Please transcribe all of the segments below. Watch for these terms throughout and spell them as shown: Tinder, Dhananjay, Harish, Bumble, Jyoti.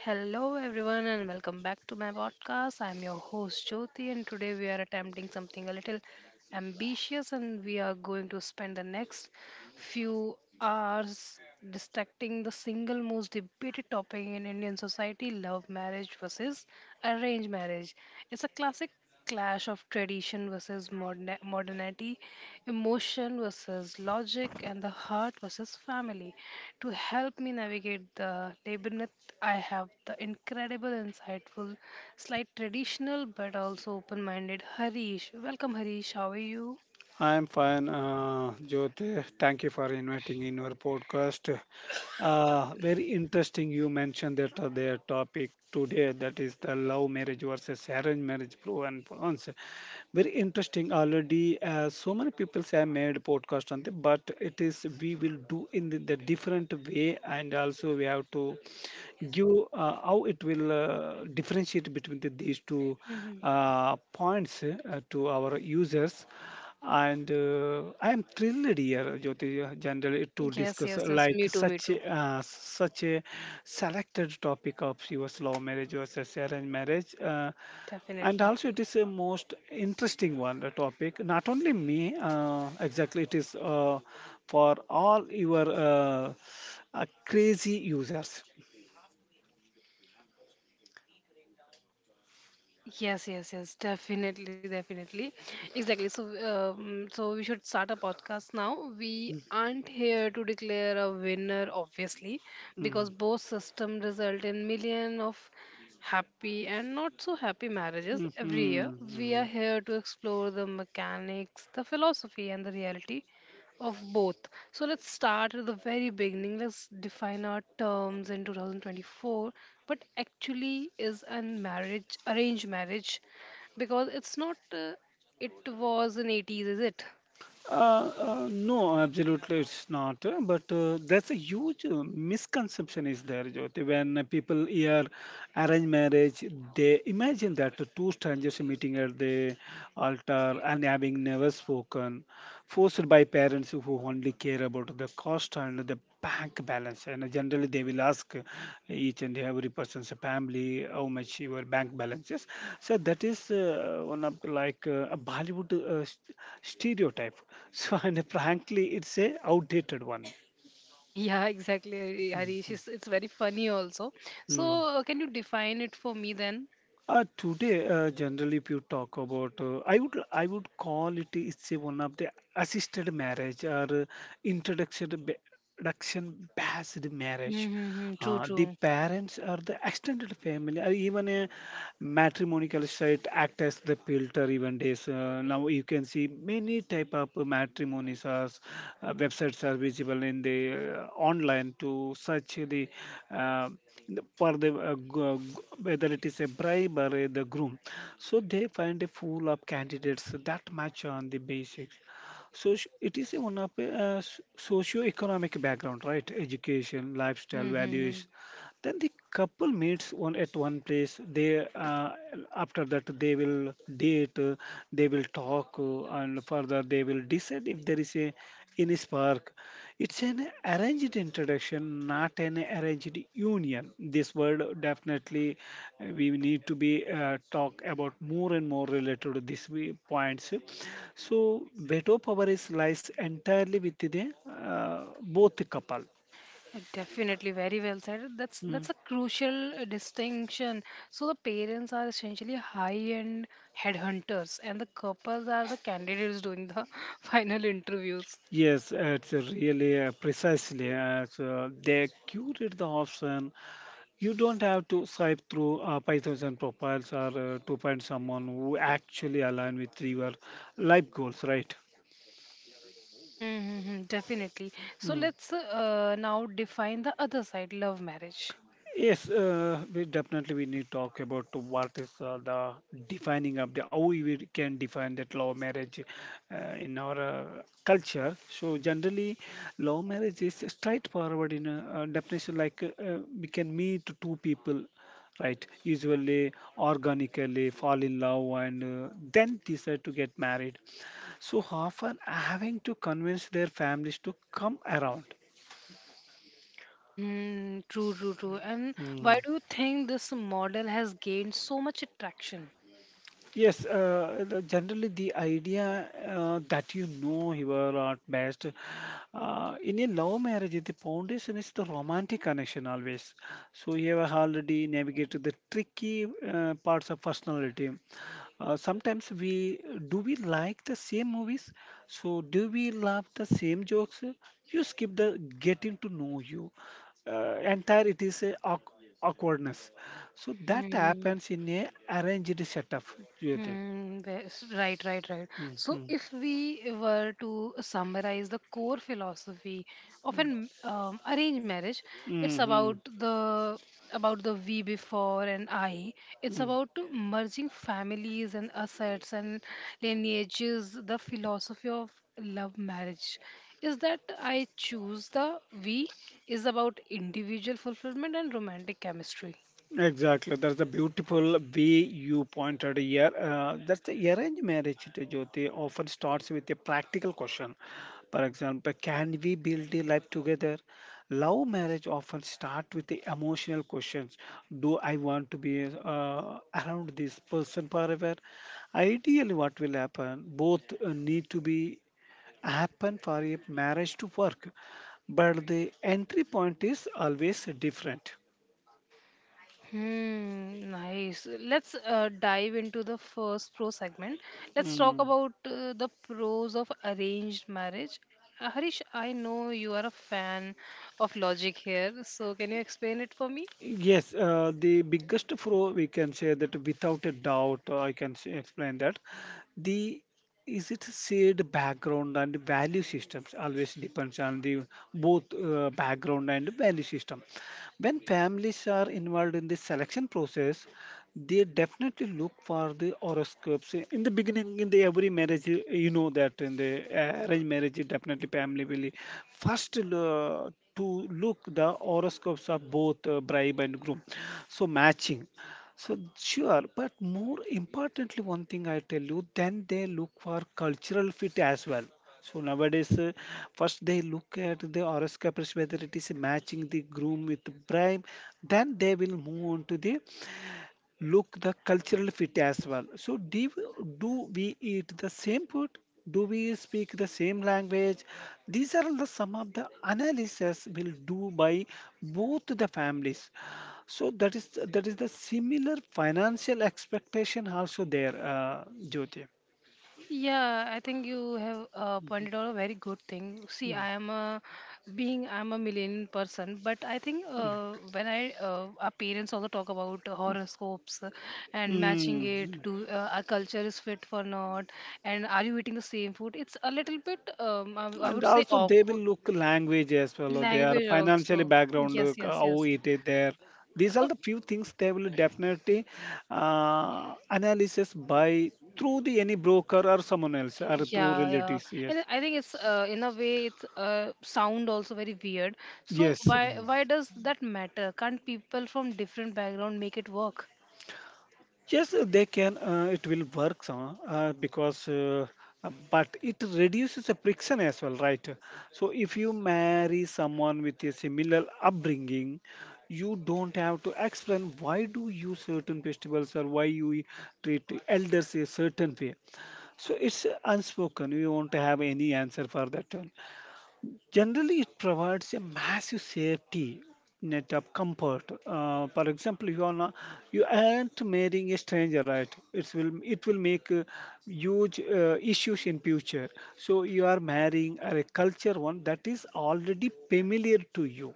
Hello, everyone, and welcome back to my podcast. I'm your host Jyoti, and today we are attempting something a little ambitious, and we are going to spend the next few hours dissecting the single most debated topic in Indian society: love marriage versus arranged marriage. It's a classic clash of tradition versus modernity, emotion versus logic, and the heart versus family. To help me navigate the labyrinth, I have the incredible, insightful, slight traditional, but also open minded Harish. Welcome, Harish. How are you? I'm fine, Jyoti. Thank you for inviting in our podcast. Very interesting. You mentioned that the topic today that is the love marriage versus arranged marriage pro and cons. Very interesting already, so many people have made podcast on the but it is we will do in the different way, and also we have to give how it will differentiate between these two Mhm. Points to our users, and I am thrilled here jyoti generally to Yes, discuss yes, yes. like Me too, me too. Such a selected topic of your slow marriage versus arranged marriage, and Definitely. also it is a most interesting one a topic not only me exactly it is for all your crazy users. Yes, yes, yes, definitely, definitely, exactly. So we should start a podcast now. We aren't here to declare a winner, obviously, Mm, because both system result in million of happy and not so happy mm, marriages every year. mhm, We are mhm. here to explore the mechanics, the philosophy, and the reality of both. So let's start at the very beginning. Let's define our terms in 2024. But actually, is a marriage arranged marriage because it's not. It was in eighties, is it? No, absolutely, it's not. But that's a huge misconception is there, Jyoti. When people hear arranged marriage, they imagine that the two strangers meeting at the altar and having never spoken. Forced by parents who only care about the cost and the bank balance, and generally they will ask each and every person's family how much your bank balance is. So that is one of like a bollywood stereotype so and frankly it's a outdated one. Yeah, exactly, Harish. It's very funny also. Mm. So can you define it for me then? Today, generally, if you talk about, I would call it it's a one of the assisted marriage or introduction ba- introduction based marriage. Mm-hmm, true, The true. parents or the extended family or even a matrimonial site act as the filter even days. Now you can see many type of matrimonies are websites are visible in the online to search the uh, for the whether it is a bribe or the groom, so they find a full of candidates that match on the basics. So it is a one of a socio-economic background, right? Education, lifestyle, Hmm. values. Then the couple meets one at one place. They after that they will date, they will talk, and further they will decide if there is a any spark. It's an arranged introduction, not an arranged union. This word definitely we need to be talk about more and more related to these points. So veto power is lies entirely with the both couple. Definitely, very well said. That's Mm. that's a crucial distinction. So the parents are essentially high-end headhunters, and the couples are the candidates doing the final interviews. Yes, it's really precisely as so they curate the option. You don't have to swipe through 5,000 profiles or to find someone who actually align with your life goals, right? Mm-hmm, definitely. So Mm. let's now define the other side, love marriage. Yes, we definitely we need to talk about to what is the defining of the how we can define that love marriage in our culture. So generally, love marriage is straightforward in a definition like we can meet two people, right? Usually organically fall in love and then decide to get married. So often having to convince their families to come around. Hmm, true, true, true. And Hmm. why do you think this model has gained so much attraction? Yes, generally the idea that you know you are at best. In a love marriage, the foundation is the romantic connection always. So you have already navigated the tricky parts of personality. Sometimes we do, we like the same movies? So do we love the same jokes? You skip the getting to know you. Entire it is a awkwardness. So that happens in a arranged setup, Jyoti. Hmm, that's right, right, right. So, Mm-hmm. if we were to summarize the core philosophy of an arranged marriage, it's about Mm-hmm. the we before and I. It's Mm-hmm. about merging families and assets and lineages. The philosophy of love marriage is that I choose the we, is about individual fulfillment and romantic chemistry. Exactly. That's the beautiful way you pointed here. That's the arranged marriage, to Jyoti, often starts with a practical question. For example, can we build a life together? Love marriage often starts with the emotional questions. Do I want to be around this person forever? Ideally, what will happen? Both need to be happen for a marriage to work, but the entry point is always different. Hmm, nice. Let's dive into the first pro segment. Let's talk Hmm. about the pros of arranged marriage. Harish, I know you are a fan of logic here, so can you explain it for me? Yes, the biggest flaw we can say that without a doubt, I can say, explain that the is it shared background and value systems always depends on the both background and value system. When families are involved in the selection process, they definitely look for the horoscopes in the beginning in the every marriage, you know that in the arranged marriage, definitely family will first to look the horoscopes of both bride and groom, so matching, so sure. But more importantly, one thing I tell you, then they look for cultural fit as well. So nowadays, first they look at the horoscopes whether it is matching the groom with the bride, then they will move on to the look the cultural fit as well. So do we eat the same food? Do we speak the same language? These are the some of the analysis will do by both the families. So that is the similar financial expectation also there, Jyoti. Yeah, I think you have pointed out a very good thing. See, Mm, I'm a millennial person, but I think mm, when I our parents also talk about horoscopes and matching it mm, to our culture is fit for not, and are you eating the same food? It's a little bit I and would say also they awkward will look language as well or their language financially also. background Yes, yes, how yes. it is there. These are So, the few things they will definitely analysis by through the any broker or someone else or through yeah, yeah, relatives, yes, and I think it's in a way it's sound also very weird. So yes. why does that matter? Can't people from different background make it work? Yes, they can. It will work some because but it reduces the friction as well, right? So if you marry someone with a similar upbringing, you don't have to explain why do you certain festivals or why you treat elders a certain way. So it's unspoken. You won't have any answer for that one. Generally, it provides a massive safety net of comfort. For example, you aren't marrying a stranger, right? It will make huge issues in future. So you are marrying a culture one that is already familiar to you.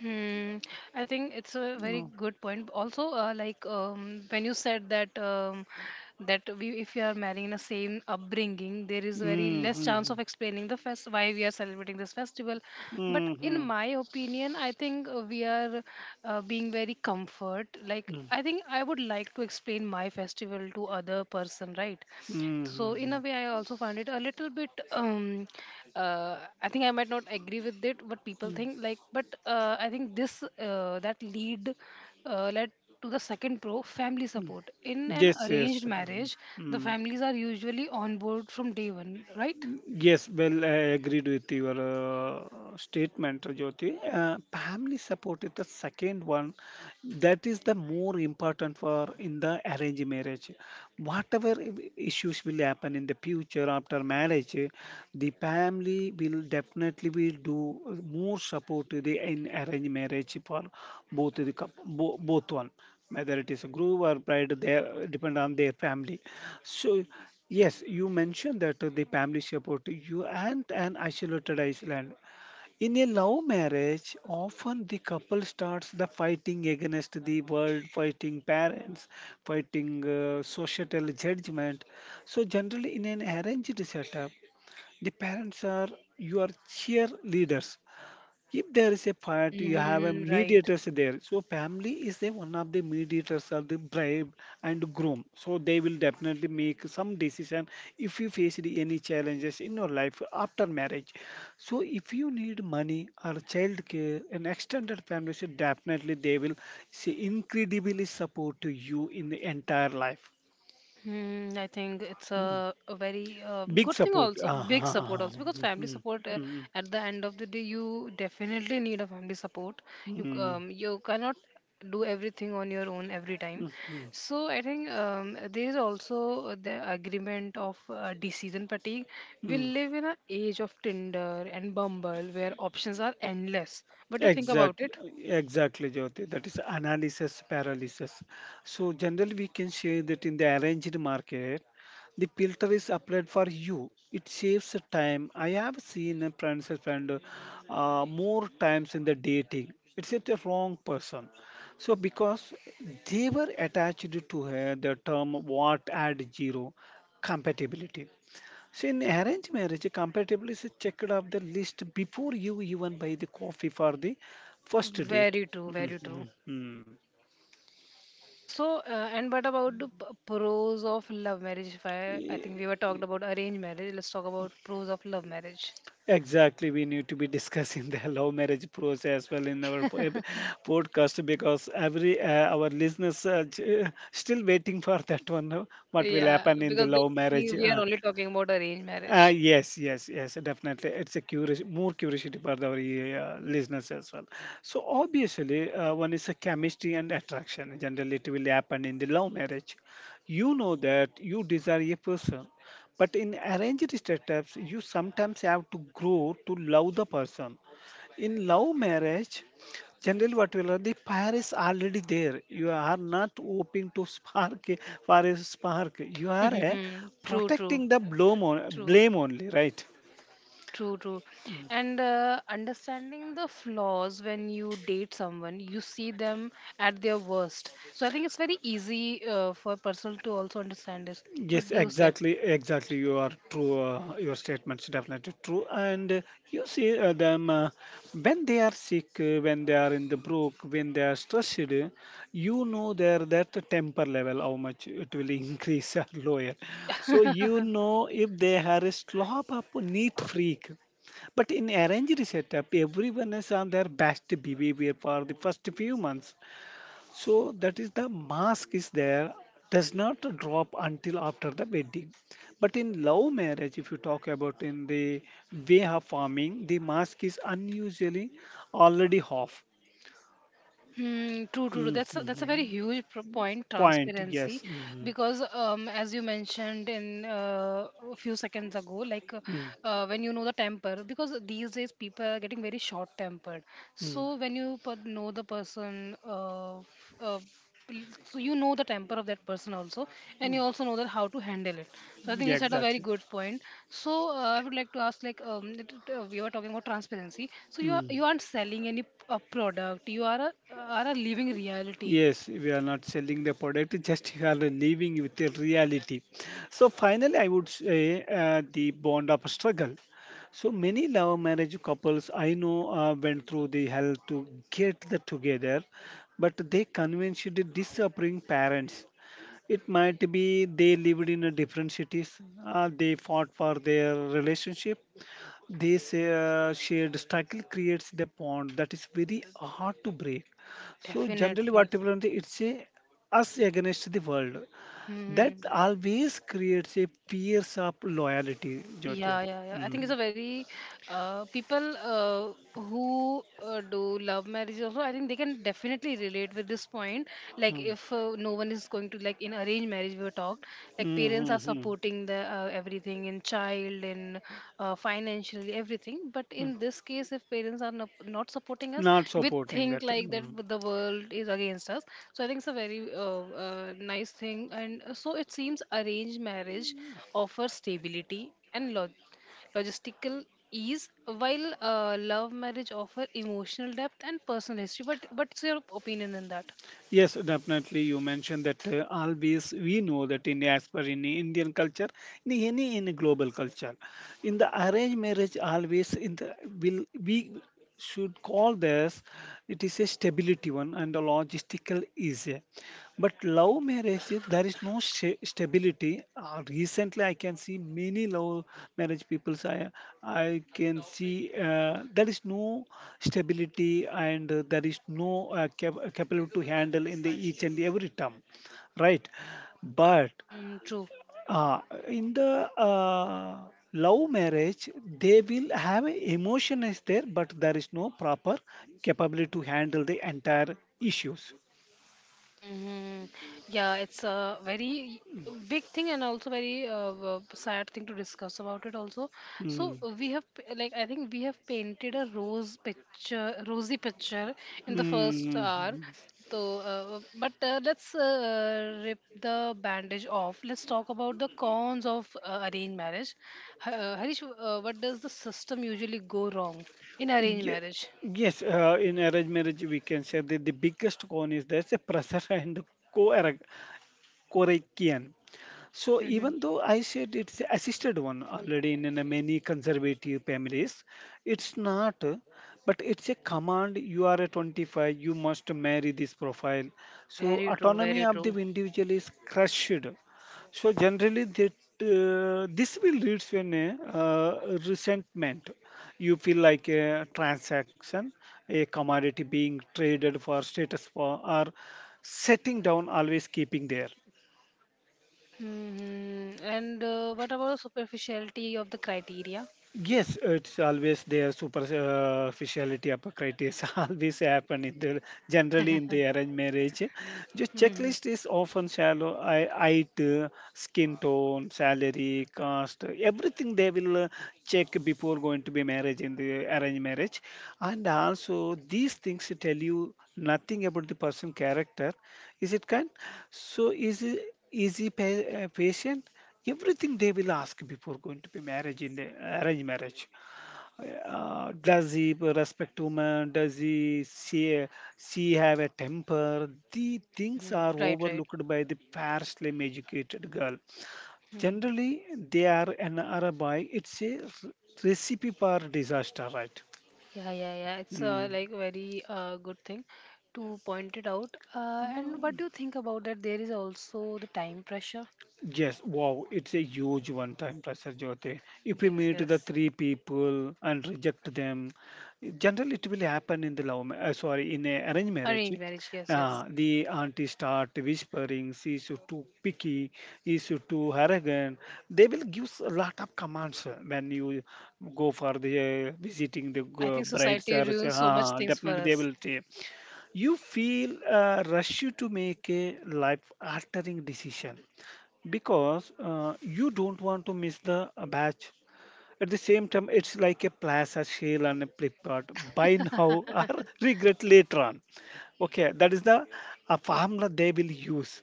Hmm, I think it's a very Mm. good point. Also, when you said that that we, if you are marrying in the same upbringing, there is very less chance of Mm-hmm. explaining the fest why we are celebrating this festival. But in Mm-hmm. my opinion, I think we are being very comfort. Like I think I would like to explain my festival to other person, right? So in Mm-hmm. a way, I also find it a little bit. Uh, I think I might not agree with it, but people think Hmm. like, but I think this that lead led to the second pro family support. In an Yes, arranged yes. Mm-hmm. marriage, the Mm-hmm. families are usually on board from day one, right? Yes, well, I agreed with your statement, Jyoti. Family support is the second one. That is the more important for in the arranged marriage. Whatever issues will happen in the future after marriage, the family will definitely will do more support to the in arranged marriage for both the both one, whether it is a groom or bride, they depend on their family. So yes, you mentioned that the family support you and an isolated island. In a love marriage, often the couple starts the fighting against the world, fighting parents, fighting societal judgment. So generally, in an arranged setup, the parents are your cheerleaders. If there is a part, you have a Hmm, right. mediators there, so family is a one of the mediators of the bride and groom, so they will definitely make some decision if you face any challenges in your life after marriage. So if you need money or child care, an extended family should definitely they will see incredibly support to you in the entire life. Hmm, I think it's Mm. A very Big good thing support. also, Ah, big ah, ah, support ah. also because Mm, family mm, support mm, at the end of the day you definitely need a family support. Mm, You cannot do everything on your own every time. mm, mm, So I think there is also the agreement of decision fatigue. We mm. live in an age of Tinder and Bumble where options are endless. What do you think about Exactly, it? exactly, Jyoti. That is analysis paralysis. So generally, we can say that in the arranged market, the filter is applied for you. It saves time. I have seen a friends spend more times in the dating. It's at the wrong person. So because they were attached to her the term what add zero compatibility. So in arranged marriage, a compatibility is checked off the list before you even buy the coffee for the first date. Very true, very true. Mhm, mhm. So, and what about the pros of love marriage? If I, I think E- we were talked about arranged marriage. Let's talk about pros of love marriage. Exactly, we need to be discussing the love marriage pros as well in our podcast, because every our listeners are still waiting for that one. What will Yeah, happen in the because they love were marriage? thinking we are only talking about arranged marriage. Yes, yes, yes, definitely. It's a curious, more curiosity for our listeners as well. So obviously, one is a chemistry and attraction. Generally, it will happen in the love marriage. You know that you desire a person, but in arranged setups, you sometimes have to grow to love the person. In love marriage, generally, what will learn, the fire is already there. You are not hoping to spark a fire is spark. You are True, true, protecting the true, blame only, right? true, true. And understanding the flaws when you date someone, you see them at their worst. So I think it's very easy for a person to also understand this. Yes, What do you say? exactly, exactly. You are true. Your statements definitely true, and you see them when they are sick, when they are in the brook, when they are stressed. You know their that temper level how much it will increase or lower. So you know if they are a slob up neat freak. But in arranged setup, everyone is on their best behavior for the first few months. So that is the mask is there, does not drop until after the wedding. But in love marriage, if you talk about in the way of farming, the mask is unusually already off. Hmm, true, true, true. That's a very Mhm. huge point, Point, yes. transparency, Mhm. because as you mentioned in a few seconds ago, Mm, when you know the temper, because these days people are getting very short-tempered. mm, So when you know the person so you know the temper of that person also and mm. you also know that how to handle it, so I think Yeah, you said a very exactly. good point. So I would like to ask like, it, we were talking about transparency, so you Mm-hmm. aren't selling any a product, are a living reality, Yes, we are not selling the product, just you are living with the reality. So, finally, I would say the bond of struggle. So, many love marriage couples I know went through the hell to get the together, but they convinced the disappearing parents. It might be they lived in a different cities, they fought for their relationship, this shared struggle creates the bond that is very hard to break. So generally, definitely. what people want, it's a us against the world. That Hmm. always creates a fierce of loyalty, Jyoti. Yeah, yeah, yeah. I think it's Mm. a very people who do love marriage also. I think they can definitely relate with this point. Like Mm. if no one is going to like in arranged marriage, we were talked. Like Mm, parents mm, are mm, supporting the everything in child in financially everything. But mm. in this case, if parents are not supporting us, Not we supporting think that. like that Mm. the world is against us. So I think it's a very nice thing. And so it seems arranged marriage offers stability and logistical ease, while love marriage offer emotional depth and personal history. But what's your opinion on that? Yes, definitely. You mentioned that always we know that in as per in Indian culture, in any in global culture, in the arranged marriage, always in the will we should call this it is a stability one and a logistical easy, but love Love marriages, there is no stability. Recently, I can see many love marriage people. I can see there is no stability and there is no capability to handle in the each and every term, right? But Mm, true. uh, in the love marriage, they will have a emotion is there, but there is no proper capability to handle the entire issues. Hmm. Yeah, it's a very big thing and also very sad thing to discuss about it also. So Mm. Like I think we have painted rosy picture in the first Mm. hour. So, but let's rip the bandage off. Let's talk about the cons of arranged marriage. Harish, what does the system usually go wrong in arranged Ye- marriage? Yes, in arranged marriage, we can say that the biggest con is there's a pressure and coercion. So Hmm. even though I said it's assisted one already in many conservative families, it's not. But it's a command. You are a 25. You must marry this profile. So Very true, autonomy very of the true. individual is crushed. So generally, that this will lead to an resentment. You feel like a transaction, a commodity being traded for status for, or setting down, always keeping there. Hmm. And what about the superficiality of the criteria? Yes, it's always their superficiality, hypocrites always happen in the generally in the arranged marriage. The Hmm. checklist is often shallow. I, height, skin tone, salary, caste, everything they will check before going to be marriage in the arranged marriage, and also these things tell you nothing about the person character. Is it kind? So is he, is patient? Everything they will ask before going to be marriage in the arranged marriage. Does he respect women? Does he see she have a temper? The things Hmm, are right, right. overlooked by the partially educated girl. Hmm. Generally, they are an Arabi. It's a recipe for disaster, right? Yeah, yeah, yeah. It's uh, Mm. like very uh, good thing to point it out. And what do you think about that? There is also the time pressure. Yes, wow, it's a huge one time pressure, Jyoti. If you Yes, meet the yes. three people and reject them, generally it will happen in the sorry, in a arranged marriage. Arranged marriage. Yes, yes. The auntie start whispering, she's too picky, he's too arrogant. They will give a lot of commands when you go for the visiting the I think bride society search. ruins so much things for Definitely they us. will say, you feel rush you to make a life altering decision because you don't want to miss the batch. At the same time, it's like a plaza sale on a Flipkart. Buy now or regret later on. Okay, that is the formula they will use,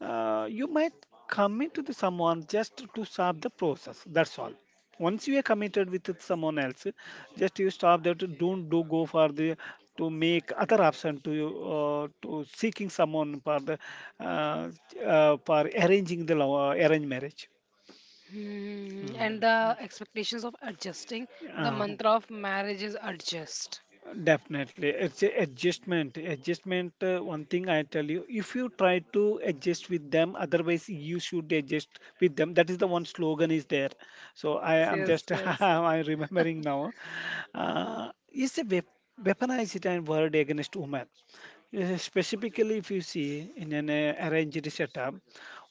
you might commit to the someone just to stop the process, that's all. Once you are committed with it someone else, just you stop that, don't do go for the to make other option to you, to seeking someone for the uh, for arranging the law, arranged marriage. Hmm. And Mm. the expectations of adjusting. The Uh, mantra of marriage is adjust. Definitely, it's a adjustment. Adjustment. One thing I tell you, if you try to adjust with them, otherwise you should adjust with them. That is the one slogan is there. So I Yes, am yes, just yes. I'm remembering now. It's a weaponized and word against women. Specifically, if you see in an arranged setup,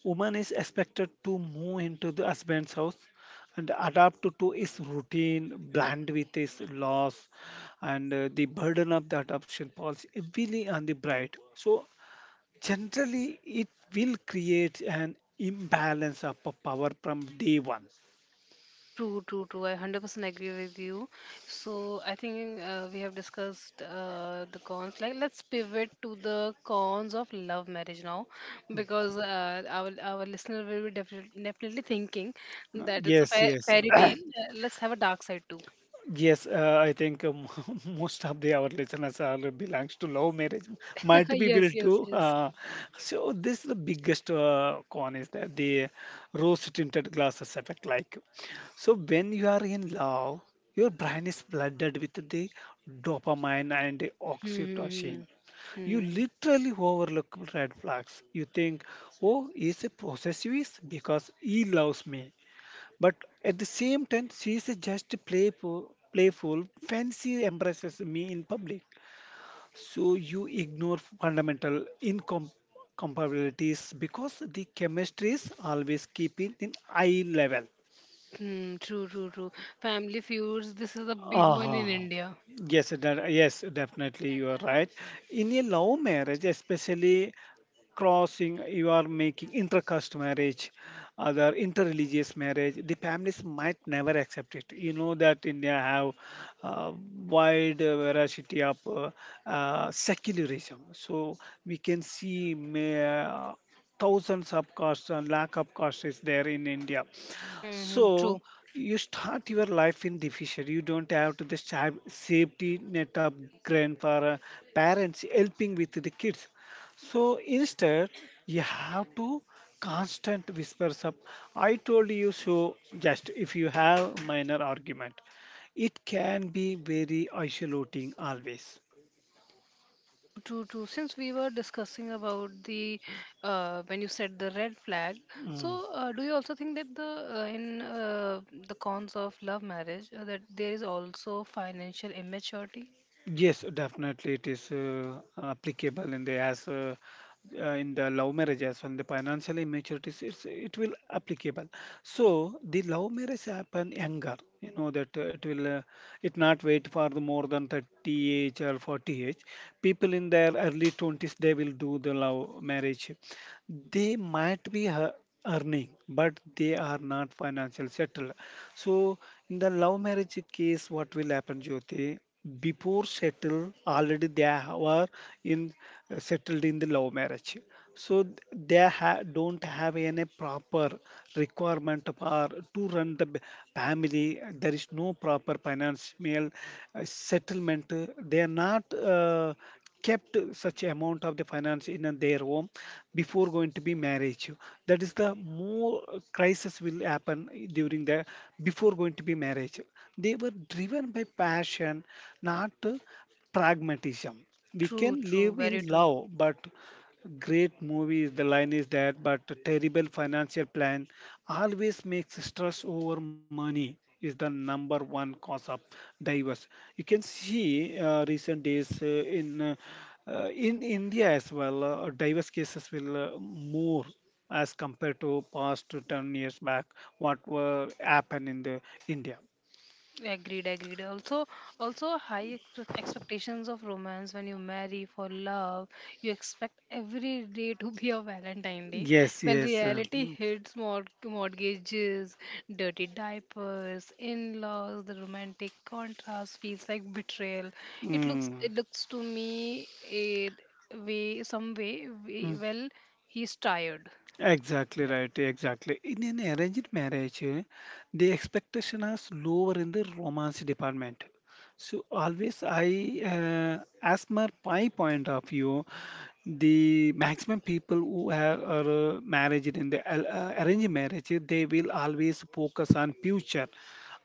woman is expected to move into the husband's house and adapt to his routine, blend with his laws and the burden of that option falls heavily on the bride. So, generally, it will create an imbalance of power from day one. True, true, true. I 100% agree with you. So I think we have discussed the cons. Like, let's pivot to the cons of love marriage now, because our listener will be definitely definitely thinking Uh, that it's a Yes, yes, fairy tale. Let's have a dark side too. Yes, I think most of the our listeners are belongs to love marriage, multi people Yes, yes, too. yes. So this is the biggest con is that the rose tinted glasses effect. Like, so when you are in love, your brain is flooded with the dopamine and the Hmm. Hmm. oxytocin. You Hmm. Hmm, literally overlook red flags. You think, oh, he's a possessive because he loves me. But at the same time, she is just playful, fancy embraces me in public. So you ignore fundamental incompatibilities because the chemistry is always keeping in eye level. hmm. True, true, true. Family feuds. This is a big one in Uh-huh. India. Yes, definitely you are right. In a love marriage, especially crossing, you are making intercaste marriage, other interreligious marriage, the families might never accept it. You know that India have uh, wide variety of secularism. So we can see thousands of castes and lack of caste is there in India. Hmm. Hmm, So true. you start your life in the fisher. You don't have to the safety net of grandfather, parents helping with the kids. So instead, you have to constant whispers of, I told you so, just if you have minor argument. It can be very isolating always. True, true, true. Since we were discussing about the when you said the red flag, so do you also think that the in the cons of love marriage that there is also financial immaturity? Yes, definitely it is applicable in the as in the love marriage as well. The financial immaturity it will applicable. So the love marriage happen younger. You know that it will it not wait for the more than 30 age or 40 age. People in their early 20s they will do the love marriage. They might be earning, but they are not financial settled. So in the love marriage case, what will happen, Jyoti? Before settle, already they are in settled in the love marriage. So they don't have any proper requirement for to run the family. There is no proper financial settlement. They are not kept such amount of the finance in their home before going to be marriage, that is the more crisis will happen during the before going to be marriage. They were driven by passion, not pragmatism. We True, can true, live in very true. love, but great movies the line is that, but terrible financial plan always makes stress over money is the number one cause of divorce. You can see recent days in in India as well, diverse cases will more as compared to past to 10 years back, what were happen in the India. Agreed, agreed. Also, also high expectations of romance when you marry for love. You expect every day to be a Valentine Day. Yes, When yes. Reality hits mortgages, dirty diapers, in-laws, the romantic contrast feels like betrayal. Mm, It looks to me a way, some way, we, mm. well, he's tired. Exactly right, exactly. In an arranged marriage, eh, the expectation is lower in the romance department. So always as per my point of view, the maximum people who have are married in the arranged marriage, eh, they will always focus on future.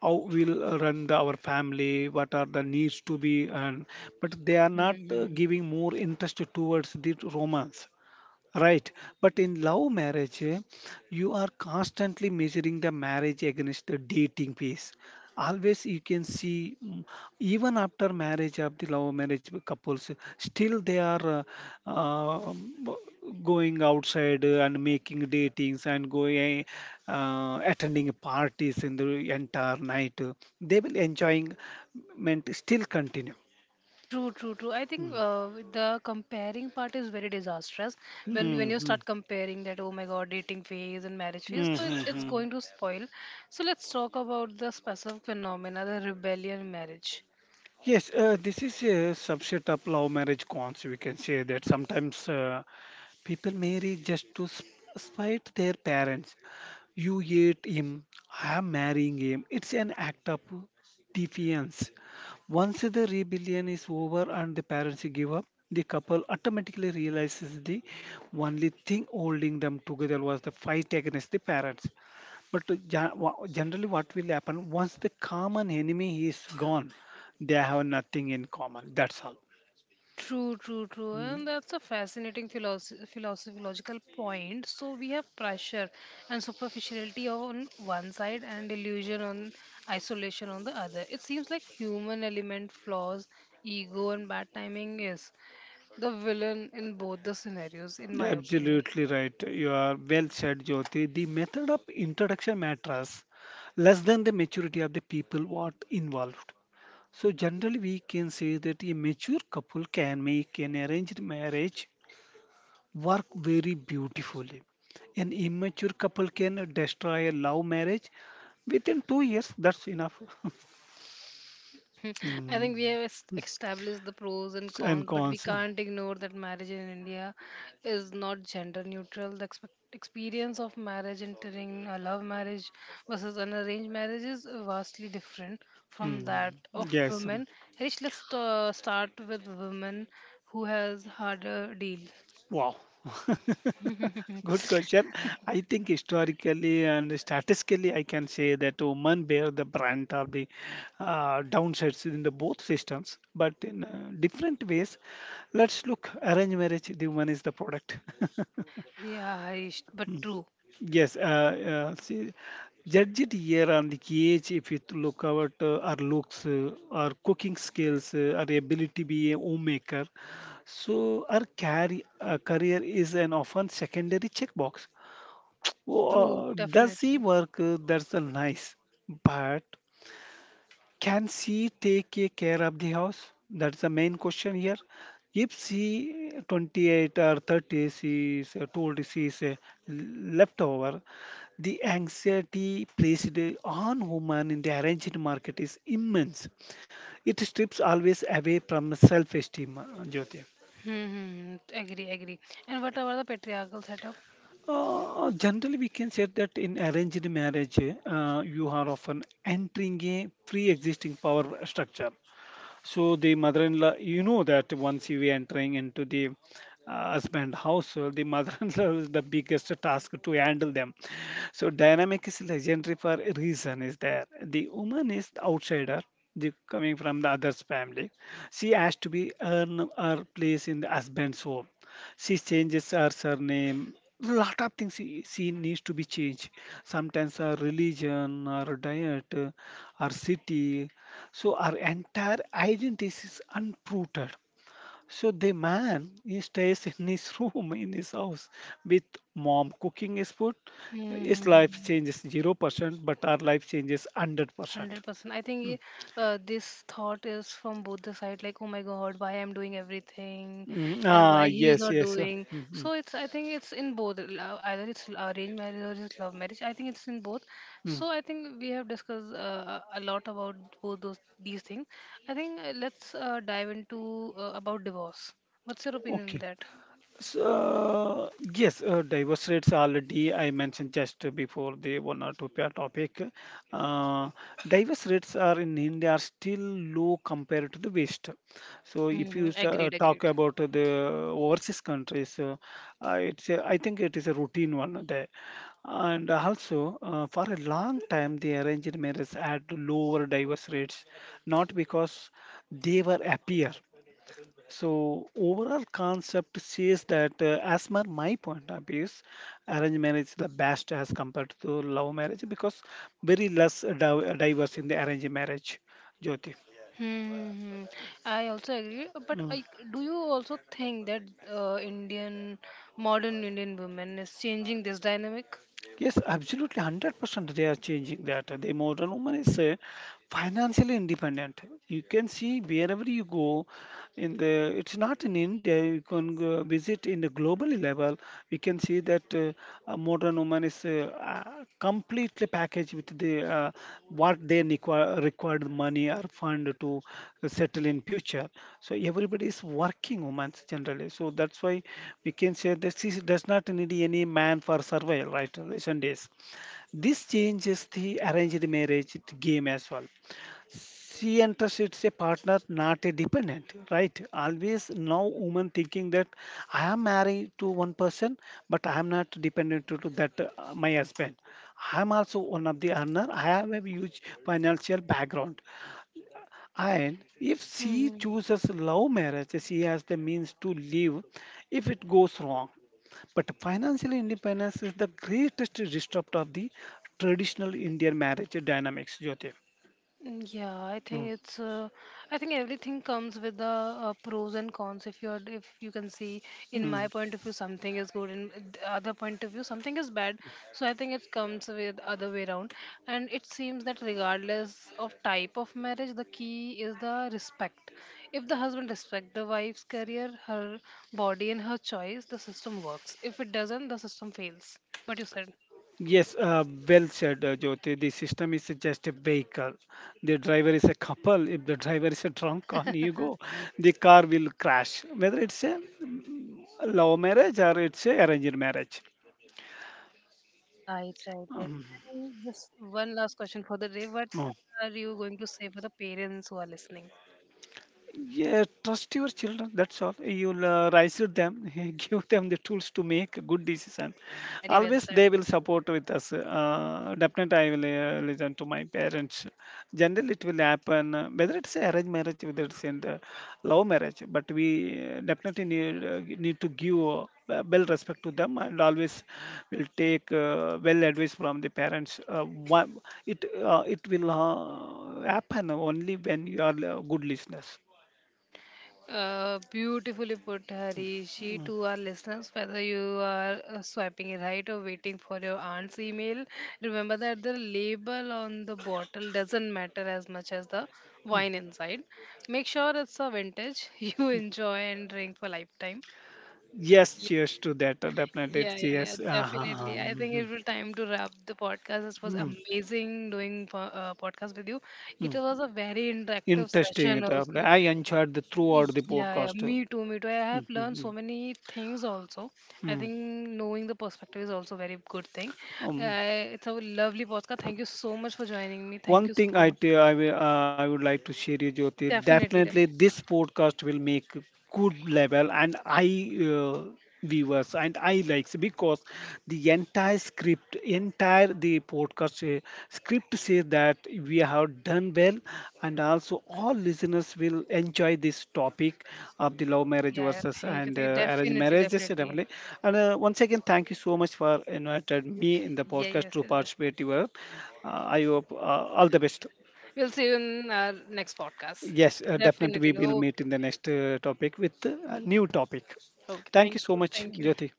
How we'll run the, our family, what are the needs to be, and but they are not Hmm. giving more interest towards the romance. Right, but in love marriage, eh, you are constantly measuring the marriage against the dating phase. Always you can see, mm, even after marriage of the love marriage couples, still they are uh, um, going outside and making datings and going attending parties in the entire night. They will enjoying, meant still continue. True, true, true. I think the comparing part is very disastrous. When you Mm. start comparing that, oh my God, dating phase and marriage phase, so it's Mm-hmm. going to spoil. So let's talk about the specific phenomena, the rebellion marriage. Yes, this is a subset of love marriage cons. We can say that sometimes people marry just to spite their parents. You hate him, I am marrying him. It's an act of defiance. Once the rebellion is over and the parents give up, the couple automatically realizes the only thing holding them together was the fight against the parents. But to generally, what will happen once the common enemy is gone, they have nothing in common. That's all. True, true, true. Mm, And that's a fascinating philosophical point. So we have pressure and superficiality on one side and illusion on isolation on the other. It seems like human element flaws, ego and bad timing is the villain in both the scenarios, in my opinion. absolutely right. You are well said, Jyoti. The method of introduction matters less than the maturity of the people what involved. So generally, we can say that a mature couple can make an arranged marriage work very beautifully. An immature couple can destroy a love marriage within 2 years. That's enough. I Mm. think we have established the pros and And cons, but we cons. can't ignore that marriage in India is not gender neutral. The experience of marriage entering a love marriage versus an arranged marriage is vastly different from that Mm. of Yes. women. Harish, let's start with women who has harder deal. Wow. Good question. I think historically and statistically, I can say that women bear the brunt of the downsides in the both systems, but in different ways. Let's look. Arranged marriage, the woman is the product. Yeah, Harish, but true, Yes, see, judge it here on the age if you to look at our looks, our cooking skills, our ability to be a homemaker. So our career is an often secondary checkbox. true, Oh, does he definitely. work? That's a nice, but can she take a care of the house? That's the main question here. If she 28 or 30, she is told she is a leftover. The anxiety placed on women in the arranged market is immense. It strips always away from self-esteem, Jyoti. Hmm, hmm, hmm, agree, agree. And what about the patriarchal setup? Generally, we can say that in arranged marriage, you are often entering a pre-existing power structure. So the mother-in-law, you know that once you entering into the husband household, the mother-in-law is the biggest task to handle them. So dynamic is legendary for a reason is there. The woman is the outsider. The, coming from the other's family, she has to be earn her place in the husband's home she changes her surname. Lot of things she needs to be changed. Sometimes her religion, her diet, her city. So her entire identity is unprooted. So the man he stays in his room in his house with mom cooking his food. Hmm, hmm, His hmm. life changes 0%, but our life changes 100%. 100% I think Mm. This thought is from both the side, like oh my God, why I'm doing everything Mm, and why ah, he is yes, not yes, yeah. doing. Mm, mm, So it's, I think it's in both, either it's arranged marriage or it's love marriage, I think it's in both. mm. So I think we have discussed a lot about both those these things. I think let's dive into about divorce. What's your opinion on Okay. that? So, yes, divorce rates already I mentioned just before the one or two pair topic. Uh, divorce rates are in India are still low compared to the West. So, if Hmm, you agreed, talk agreed. about the overseas countries, it's a, I think it is a routine one there. And also, for a long time, the arranged marriage had lower divorce rates, not because they were happier. So overall concept says that as per my point of view, arranged marriage is the best as compared to love marriage because very less diverse in the arranged marriage, Jyoti. Hmm. Hmm, hmm. I also agree, but Mm. Do you also think that Indian modern Indian women is changing this dynamic? Yes, absolutely, 100% they are changing that. The modern woman is financially independent. You can see wherever you go, in the it's not in india you can go visit in the global level we can see that a modern woman is completely packaged with the what they require required money or fund to settle in future so everybody is working women generally so that's why we can say that she does not need any man for survival right sundays this changes the arranged marriage game as well she interests a partner, not a dependent, right? Always now woman thinking that I am married to one person, but I am not dependent to that my husband. I am also one of the earner. I have a huge financial background, and if Hmm. she Hmm. chooses love marriage, she has the means to live. If it goes wrong, but financial independence is the greatest disrupt of the traditional Indian marriage dynamics, Jyoti. Mm. Yeah, I Mm, think it's. I think everything comes with the pros and cons. If you can see, in my mm. point of view, something is good, in the other point of view, something is bad. So I think it comes with other way around. And it seems that regardless of type of marriage, the key is the respect. If the husband respect the wife's career, her body, and her choice, the system works. If it doesn't, the system fails. What you said. Yes, well said, Jyoti. The system is just a vehicle. The driver is a couple. If the driver is a drunk on ego, the car will crash. Whether it's a love marriage or it's a arranged marriage. Right, right, right. Um, And just one last question for the day. no. What are you going to say for the parents who are listening? Yeah, trust your children. That's all. You'll raise them, give them the tools to make a good decision. Very well Always they said. will support with us. Definitely, I will listen to my parents. Generally, it will happen whether it's arranged marriage, whether it's in the love marriage. But we definitely need to give well respect to them and always will take well advice from the parents. It it will happen only when you are good listeners. Beautifully put, Harishi. To our listeners, whether you are swiping right or waiting for your aunt's email, remember that the label on the bottle doesn't matter as much as the wine inside. Make sure it's a vintage you enjoy and drink for lifetime. Yes, cheers to that. Definitely, Yeah, it's yeah, yeah, yes. Uh-huh. definitely. I think it Mhm. was time to wrap the podcast. This was Mm, amazing doing podcast with you. It mm. was a very interactive Interesting. Session Definitely. also. I enjoyed the throughout the Yeah, yeah, podcast. Me too, me too. I have Mm, mm, learned so mm, many things also. I mm. think knowing the perspective is also a very good thing. Um, It's a lovely podcast. Thank you so much for joining me. Thank one you thing so I much. t- I will, I would like to share you, Jyoti. Definitely, Definitely, definitely. this podcast will make good level, and I. Uh, viewers and I likes because the entire script entire the podcast script says that we have done well, and also all listeners will enjoy this topic of the love marriage Yeah, yeah, versus thank you. and Thank you. Arranged Definitely, marriages definitely. definitely. And once again, thank you so much for invited me in the Yeah, podcast yes, to yes, yes. participate. Your, I hope all the best. We'll see you in our next podcast. Yes, definitely Definitely. we will Okay. meet in the next topic with a new topic. Okay, Thank you thank so you, much, thank you. Jyoti.